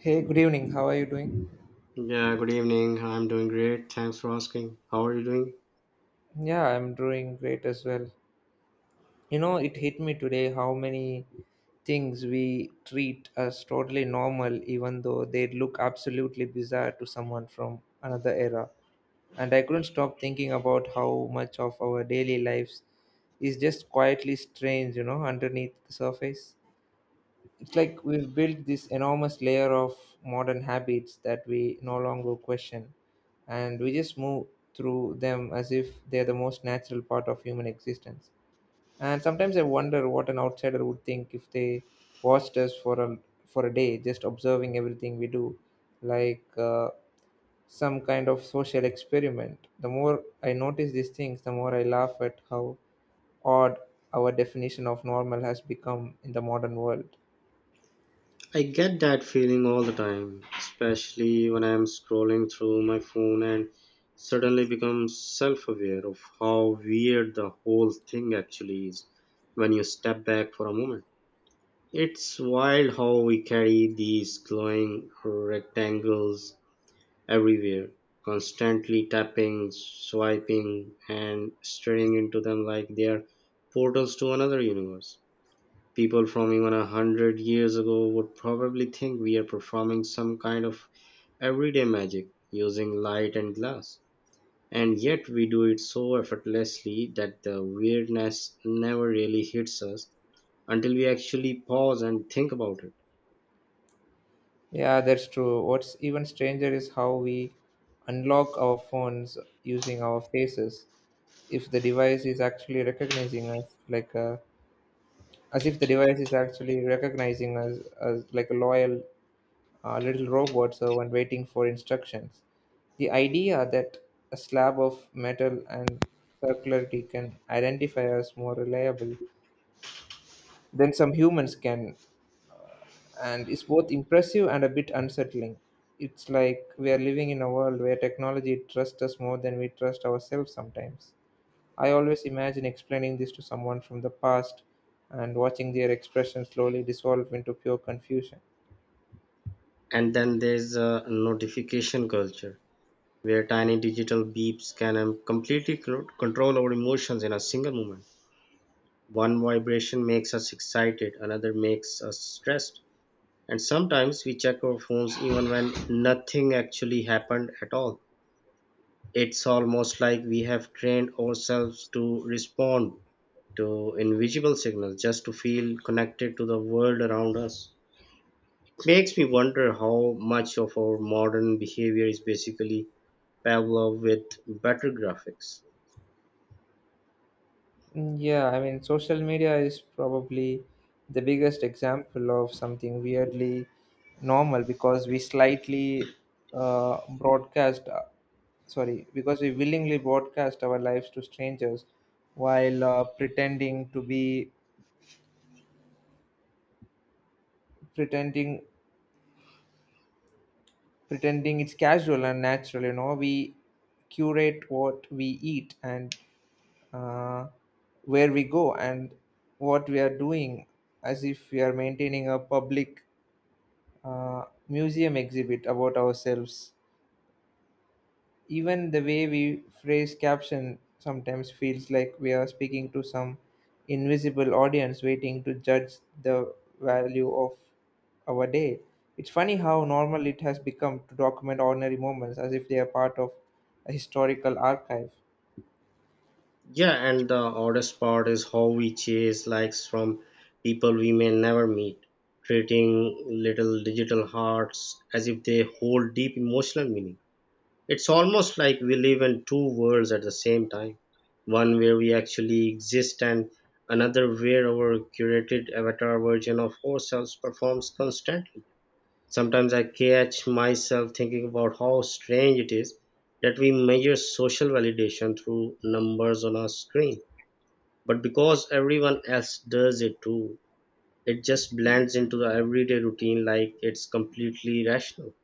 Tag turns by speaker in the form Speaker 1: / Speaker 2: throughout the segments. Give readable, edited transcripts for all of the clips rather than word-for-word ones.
Speaker 1: Hey, good evening. How are you doing?
Speaker 2: Yeah, good evening. I'm doing great. Thanks for asking. How are you doing?
Speaker 1: Yeah, I'm doing great as well. You know, it hit me today how many things we treat as totally normal, even though they look absolutely bizarre to someone from another era. And I couldn't stop thinking about how much of our daily lives is just quietly strange, you know, underneath the surface. It's like we've built this enormous layer of modern habits that we no longer question, and we just move through them as if they're the most natural part of human existence. And sometimes I wonder what an outsider would think if they watched us for a day, just observing everything we do, like some kind of social experiment. The more I notice these things, the more I laugh at how odd our definition of normal has become in the modern world.
Speaker 2: I get that feeling all the time, especially when I'm scrolling through my phone and suddenly become self aware of how weird the whole thing actually is when you step back for a moment. It's wild how we carry these glowing rectangles everywhere, constantly tapping, swiping, and staring into them like they are portals to another universe. People from even 100 years ago would probably think we are performing some kind of everyday magic using light and glass. And yet we do it so effortlessly that the weirdness never really hits us until we actually pause and think about it.
Speaker 1: Yeah, that's true. What's even stranger is how we unlock our phones using our faces. If the device is actually recognizing us, like a, As if the device is actually recognizing us as like a loyal little robot servant waiting for instructions. The idea that a slab of metal and circularity can identify us more reliable than some humans can, and it's both impressive and a bit unsettling. It's like we are living in a world where technology trusts us more than we trust ourselves sometimes. I always imagine explaining this to someone from the past and watching their expression slowly dissolve into pure confusion.
Speaker 2: And then there's a notification culture where tiny digital beeps can completely control our emotions in a single moment. One vibration makes us excited, another makes us stressed, and sometimes we check our phones even when nothing actually happened at all. It's almost like we have trained ourselves to respond to invisible signals just to feel connected to the world around us. It makes me wonder how much of our modern behavior is basically Pavlov with better graphics.
Speaker 1: Mm, yeah, I mean, social media is probably the biggest example of something weirdly normal because we uh, broadcast, uh, because we willingly broadcast our lives to strangers while pretending to be pretending pretending it's casual and natural. You know, we curate what we eat, and uh, where we go, and what we are doing, as if we are maintaining a public museum exhibit about ourselves. Even the way we phrase caption sometimes feels like we are speaking to some invisible audience waiting to judge the value of our day. It's funny how normal it has become to document ordinary moments as if they are part of a historical archive.
Speaker 2: Yeah, and the oddest part is how we chase likes from people we may never meet, treating little digital hearts as if they hold deep emotional meaning. It's almost like we live in two worlds at the same time, one where we actually exist, and another where our curated avatar version of ourselves performs constantly. Sometimes I catch myself thinking about how strange it is that we measure social validation through numbers on a screen, but because everyone else does it too, it just blends into the everyday routine like it's completely rational.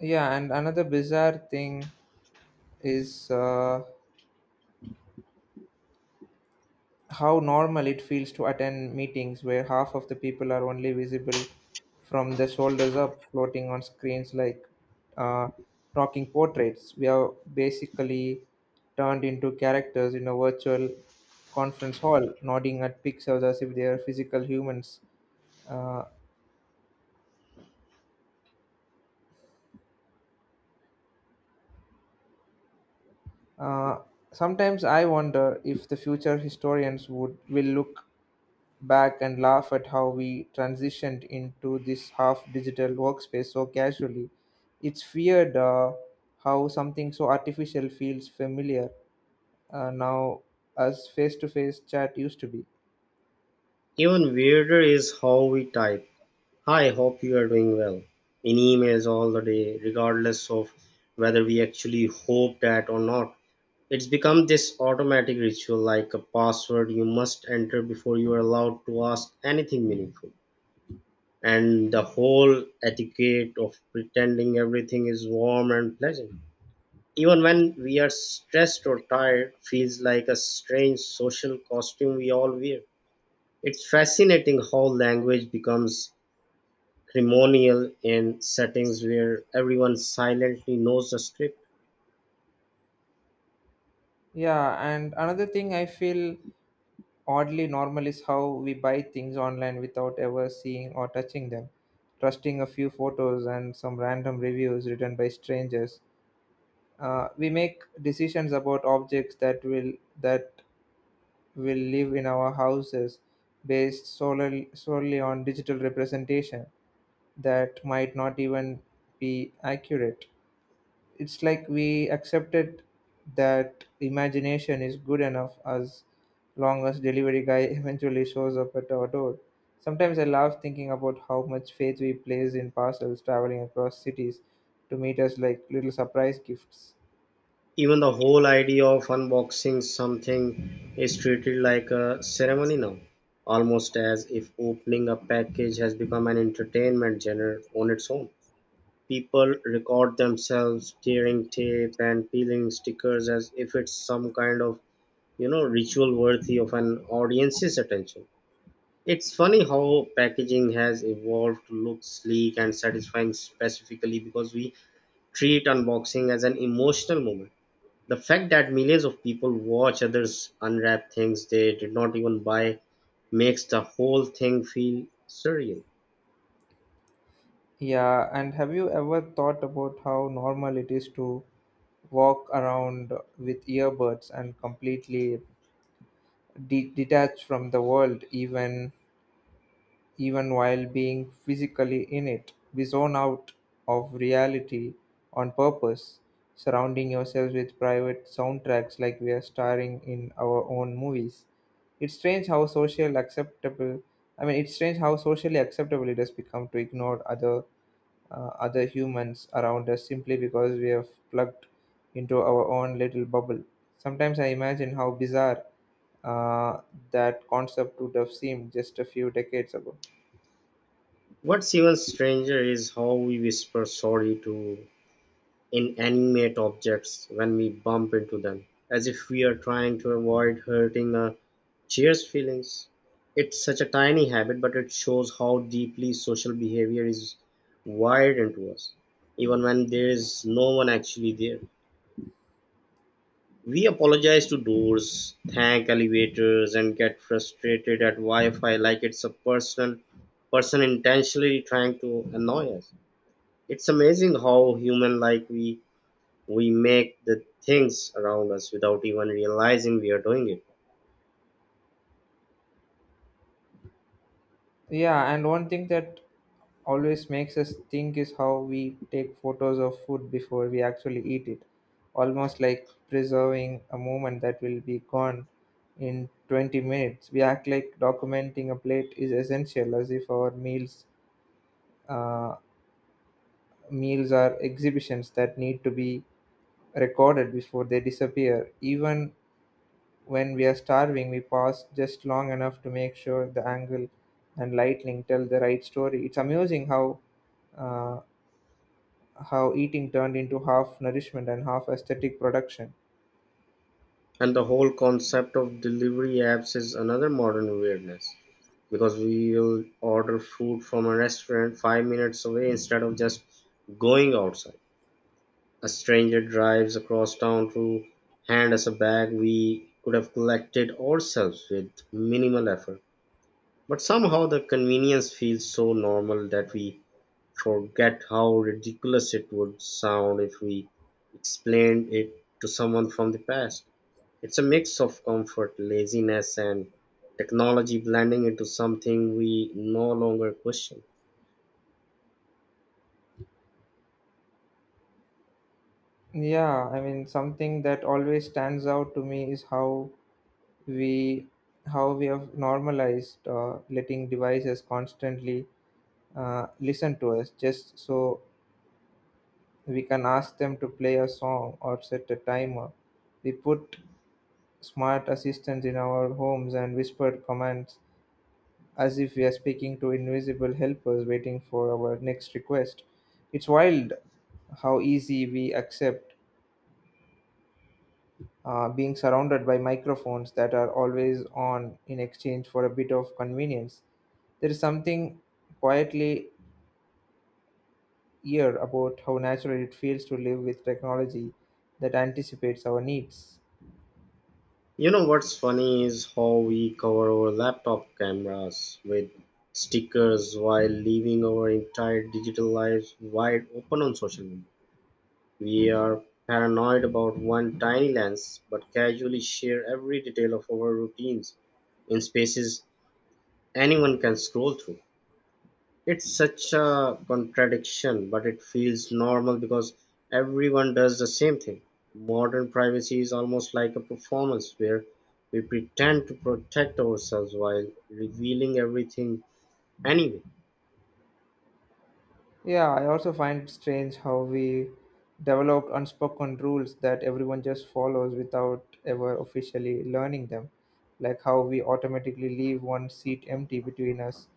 Speaker 1: Yeah, and another bizarre thing is how normal it feels to attend meetings where half of the people are only visible from the shoulders up, floating on screens like uh, talking portraits. We are basically turned into characters in a virtual conference hall, nodding at pixels as if they are physical humans. Uh, uh, Sometimes I wonder if the future historians would will look back and laugh at how we transitioned into this half digital workspace so casually. It's weird how something so artificial feels familiar now as face to face chat used to be.
Speaker 2: Even weirder is how we type, "Hi, hope you are doing well," in emails all the day, regardless of whether we actually hope that or not. It's become this automatic ritual, like a password you must enter before you are allowed to ask anything meaningful. And the whole etiquette of pretending everything is warm and pleasant, even when we are stressed or tired, feels like a strange social costume we all wear. It's fascinating how language becomes ceremonial in settings where everyone silently knows the script.
Speaker 1: Yeah, and another thing I feel oddly normal is how we buy things online without ever seeing or touching them, trusting a few photos and some random reviews written by strangers. We make decisions about objects that will live in our houses based solely on digital representation that might not even be accurate. It's like we accepted that imagination is good enough as long as delivery guy eventually shows up at our door. Sometimes I laugh thinking about how much faith we place in parcels traveling across cities to meet us like little surprise gifts.
Speaker 2: Even the whole idea of unboxing something is treated like a ceremony now, almost as if opening a package has become an entertainment genre on its own. People record themselves tearing tape and peeling stickers as if it's some kind of ritual worthy of an audience's attention. It's funny how packaging has evolved to look sleek and satisfying specifically because we treat unboxing as an emotional moment. The fact that millions of people watch others unwrap things they did not even buy makes the whole thing feel surreal.
Speaker 1: Yeah, and have you ever thought about how normal it is to walk around with earbuds and completely detached from the world, even while being physically in it? We zone out of reality on purpose, surrounding yourselves with private soundtracks like we are starring in our own movies. it's strange how social acceptable it's strange how socially acceptable it has become to ignore other humans around us simply because we have plugged into our own little bubble. Sometimes I imagine how bizarre uh, that concept would have seemed just a few decades ago.
Speaker 2: What's even stranger is how we whisper sorry to inanimate objects when we bump into them, as if we are trying to avoid hurting a chair's feelings. It's such a tiny habit, but it shows how deeply social behavior is wired into us, even when there is no one actually there. We apologize to doors, thank elevators, and get frustrated at Wi-Fi like it's a personal person intentionally trying to annoy us. It's amazing how human like we make the things around us without even realizing we are doing it.
Speaker 1: Yeah, and one thing that always makes us think is how we take photos of food before we actually eat it, almost like preserving a moment that will be gone in 20 minutes. We act like documenting a plate is essential, as if our uh, meals are exhibitions that need to be recorded before they disappear. Even when we are starving, we pause just long enough to make sure the angle and lightning tell the right story. It's amusing uh, how eating turned into half nourishment and half aesthetic production.
Speaker 2: And the whole concept of delivery apps is another modern weirdness, because we will order food from a restaurant 5 minutes away instead of just going outside. A stranger drives across town to hand us a bag we could have collected ourselves with minimal effort. But somehow the convenience feels so normal that we forget how ridiculous it would sound if we explained it to someone from the past. It's a mix of comfort, laziness, and technology blending into something we no longer question.
Speaker 1: Yeah, I mean, something that always stands out to me is we how we have normalized letting devices constantly listen to us just so we can ask them to play a song or set a timer. We put smart assistants in our homes and whispered commands as if we are speaking to invisible helpers waiting for our next request. It's wild how easy we accept being surrounded by microphones that are always on in exchange for a bit of convenience. There is something quietly eerie about how natural it feels to live with technology that anticipates our needs.
Speaker 2: You know what's funny is how we cover our laptop cameras with stickers while leaving our entire digital lives wide open on social media. We are paranoid about one tiny lens, but casually share every detail of our routines in spaces anyone can scroll through. It's such a contradiction, but it feels normal because everyone does the same thing. Modern privacy is almost like a performance where we pretend to protect ourselves while revealing everything anyway.
Speaker 1: Yeah, I also find strange how we developed unspoken rules that everyone just follows without ever officially learning them. Like how we automatically leave one seat empty between us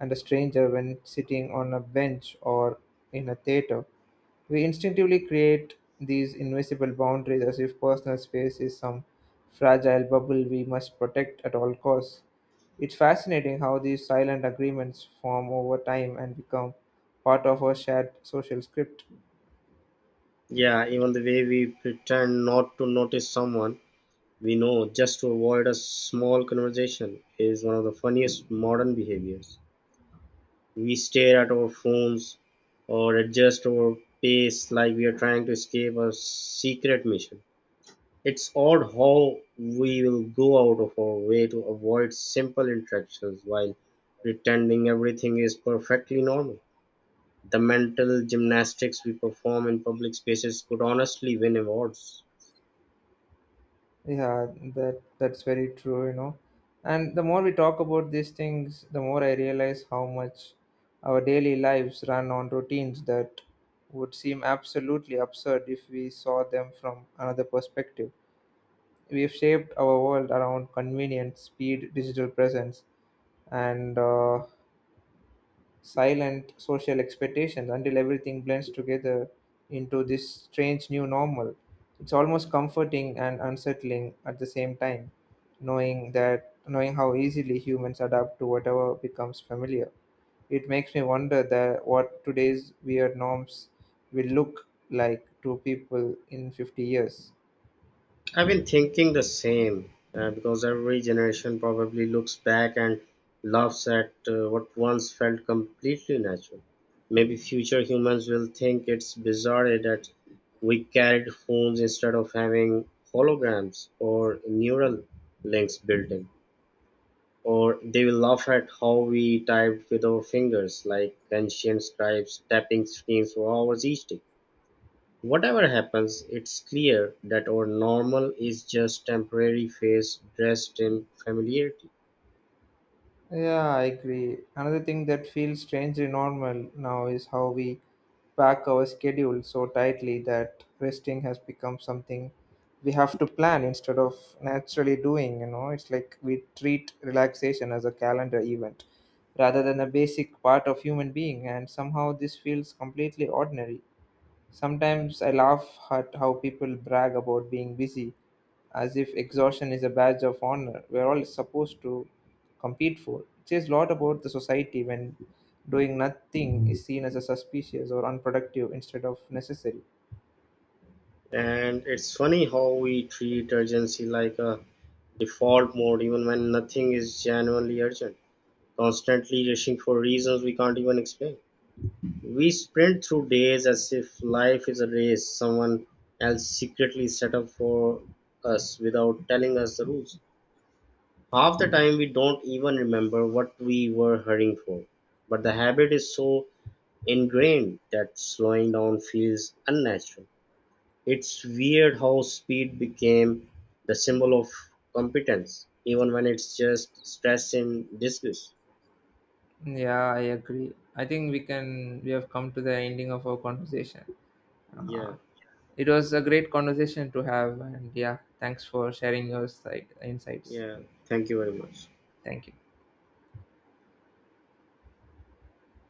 Speaker 1: and a stranger when sitting on a bench or in a theater. We instinctively create these invisible boundaries as if personal space is some fragile bubble we must protect at all costs. It's fascinating how these silent agreements form over time and become part of our shared social script.
Speaker 2: Yeah, even the way we pretend not to notice someone we know just to avoid a small conversation is one of the funniest modern behaviors. We stare at our phones or adjust our pace like we are trying to escape a secret mission. It's odd how we will go out of our way to avoid simple interactions while pretending everything is perfectly normal. The mental gymnastics we perform in public spaces could honestly win awards.
Speaker 1: Yeah, that's very true, you know. And the more we talk about these things, the more I realize how much our daily lives run on routines that would seem absolutely absurd if we saw them from another perspective. We've shaped our world around convenience, speed, digital presence, and silent social expectations, until everything blends together into this strange new normal. It's almost comforting and unsettling at the same time, knowing how easily humans adapt to whatever becomes familiar. It makes me wonder that what today's weird norms will look like to people in 50 years.
Speaker 2: I've been thinking the same because every generation probably looks back and laughs at what once felt completely natural. Maybe future humans will think it's bizarre that we carried phones instead of having holograms or neural links built in. Or they will laugh at how we typed with our fingers, like ancient scribes tapping screens for hours each day. Whatever happens, it's clear that our normal is just temporary phase dressed in familiarity.
Speaker 1: Yeah, I agree. Another thing that feels strangely normal now is how we pack our schedule so tightly that resting has become something we have to plan instead of naturally doing. You know, it's like we treat relaxation as a calendar event rather than a basic part of human being, and somehow this feels completely ordinary. Sometimes I laugh at how people brag about being busy as if exhaustion is a badge of honor we're all supposed to compete for. It says a lot about the society when doing nothing is seen as a suspicious or unproductive instead of necessary.
Speaker 2: And it's funny how we treat urgency like a default mode even when nothing is genuinely urgent, constantly rushing for reasons we can't even explain. We sprint through days as if life is a race someone else secretly set up for us without telling us the rules. Half the time we don't even remember what we were hurrying for, but the habit is so ingrained that slowing down feels unnatural. It's weird how speed became the symbol of competence, even when it's just stress and disgust.
Speaker 1: Yeah, I agree. I think we have come to the ending of our conversation. Uh,
Speaker 2: Yeah,
Speaker 1: it was a great conversation to have, and yeah, thanks for sharing your side insights.
Speaker 2: yeah. Thank you very much.
Speaker 1: Thank you.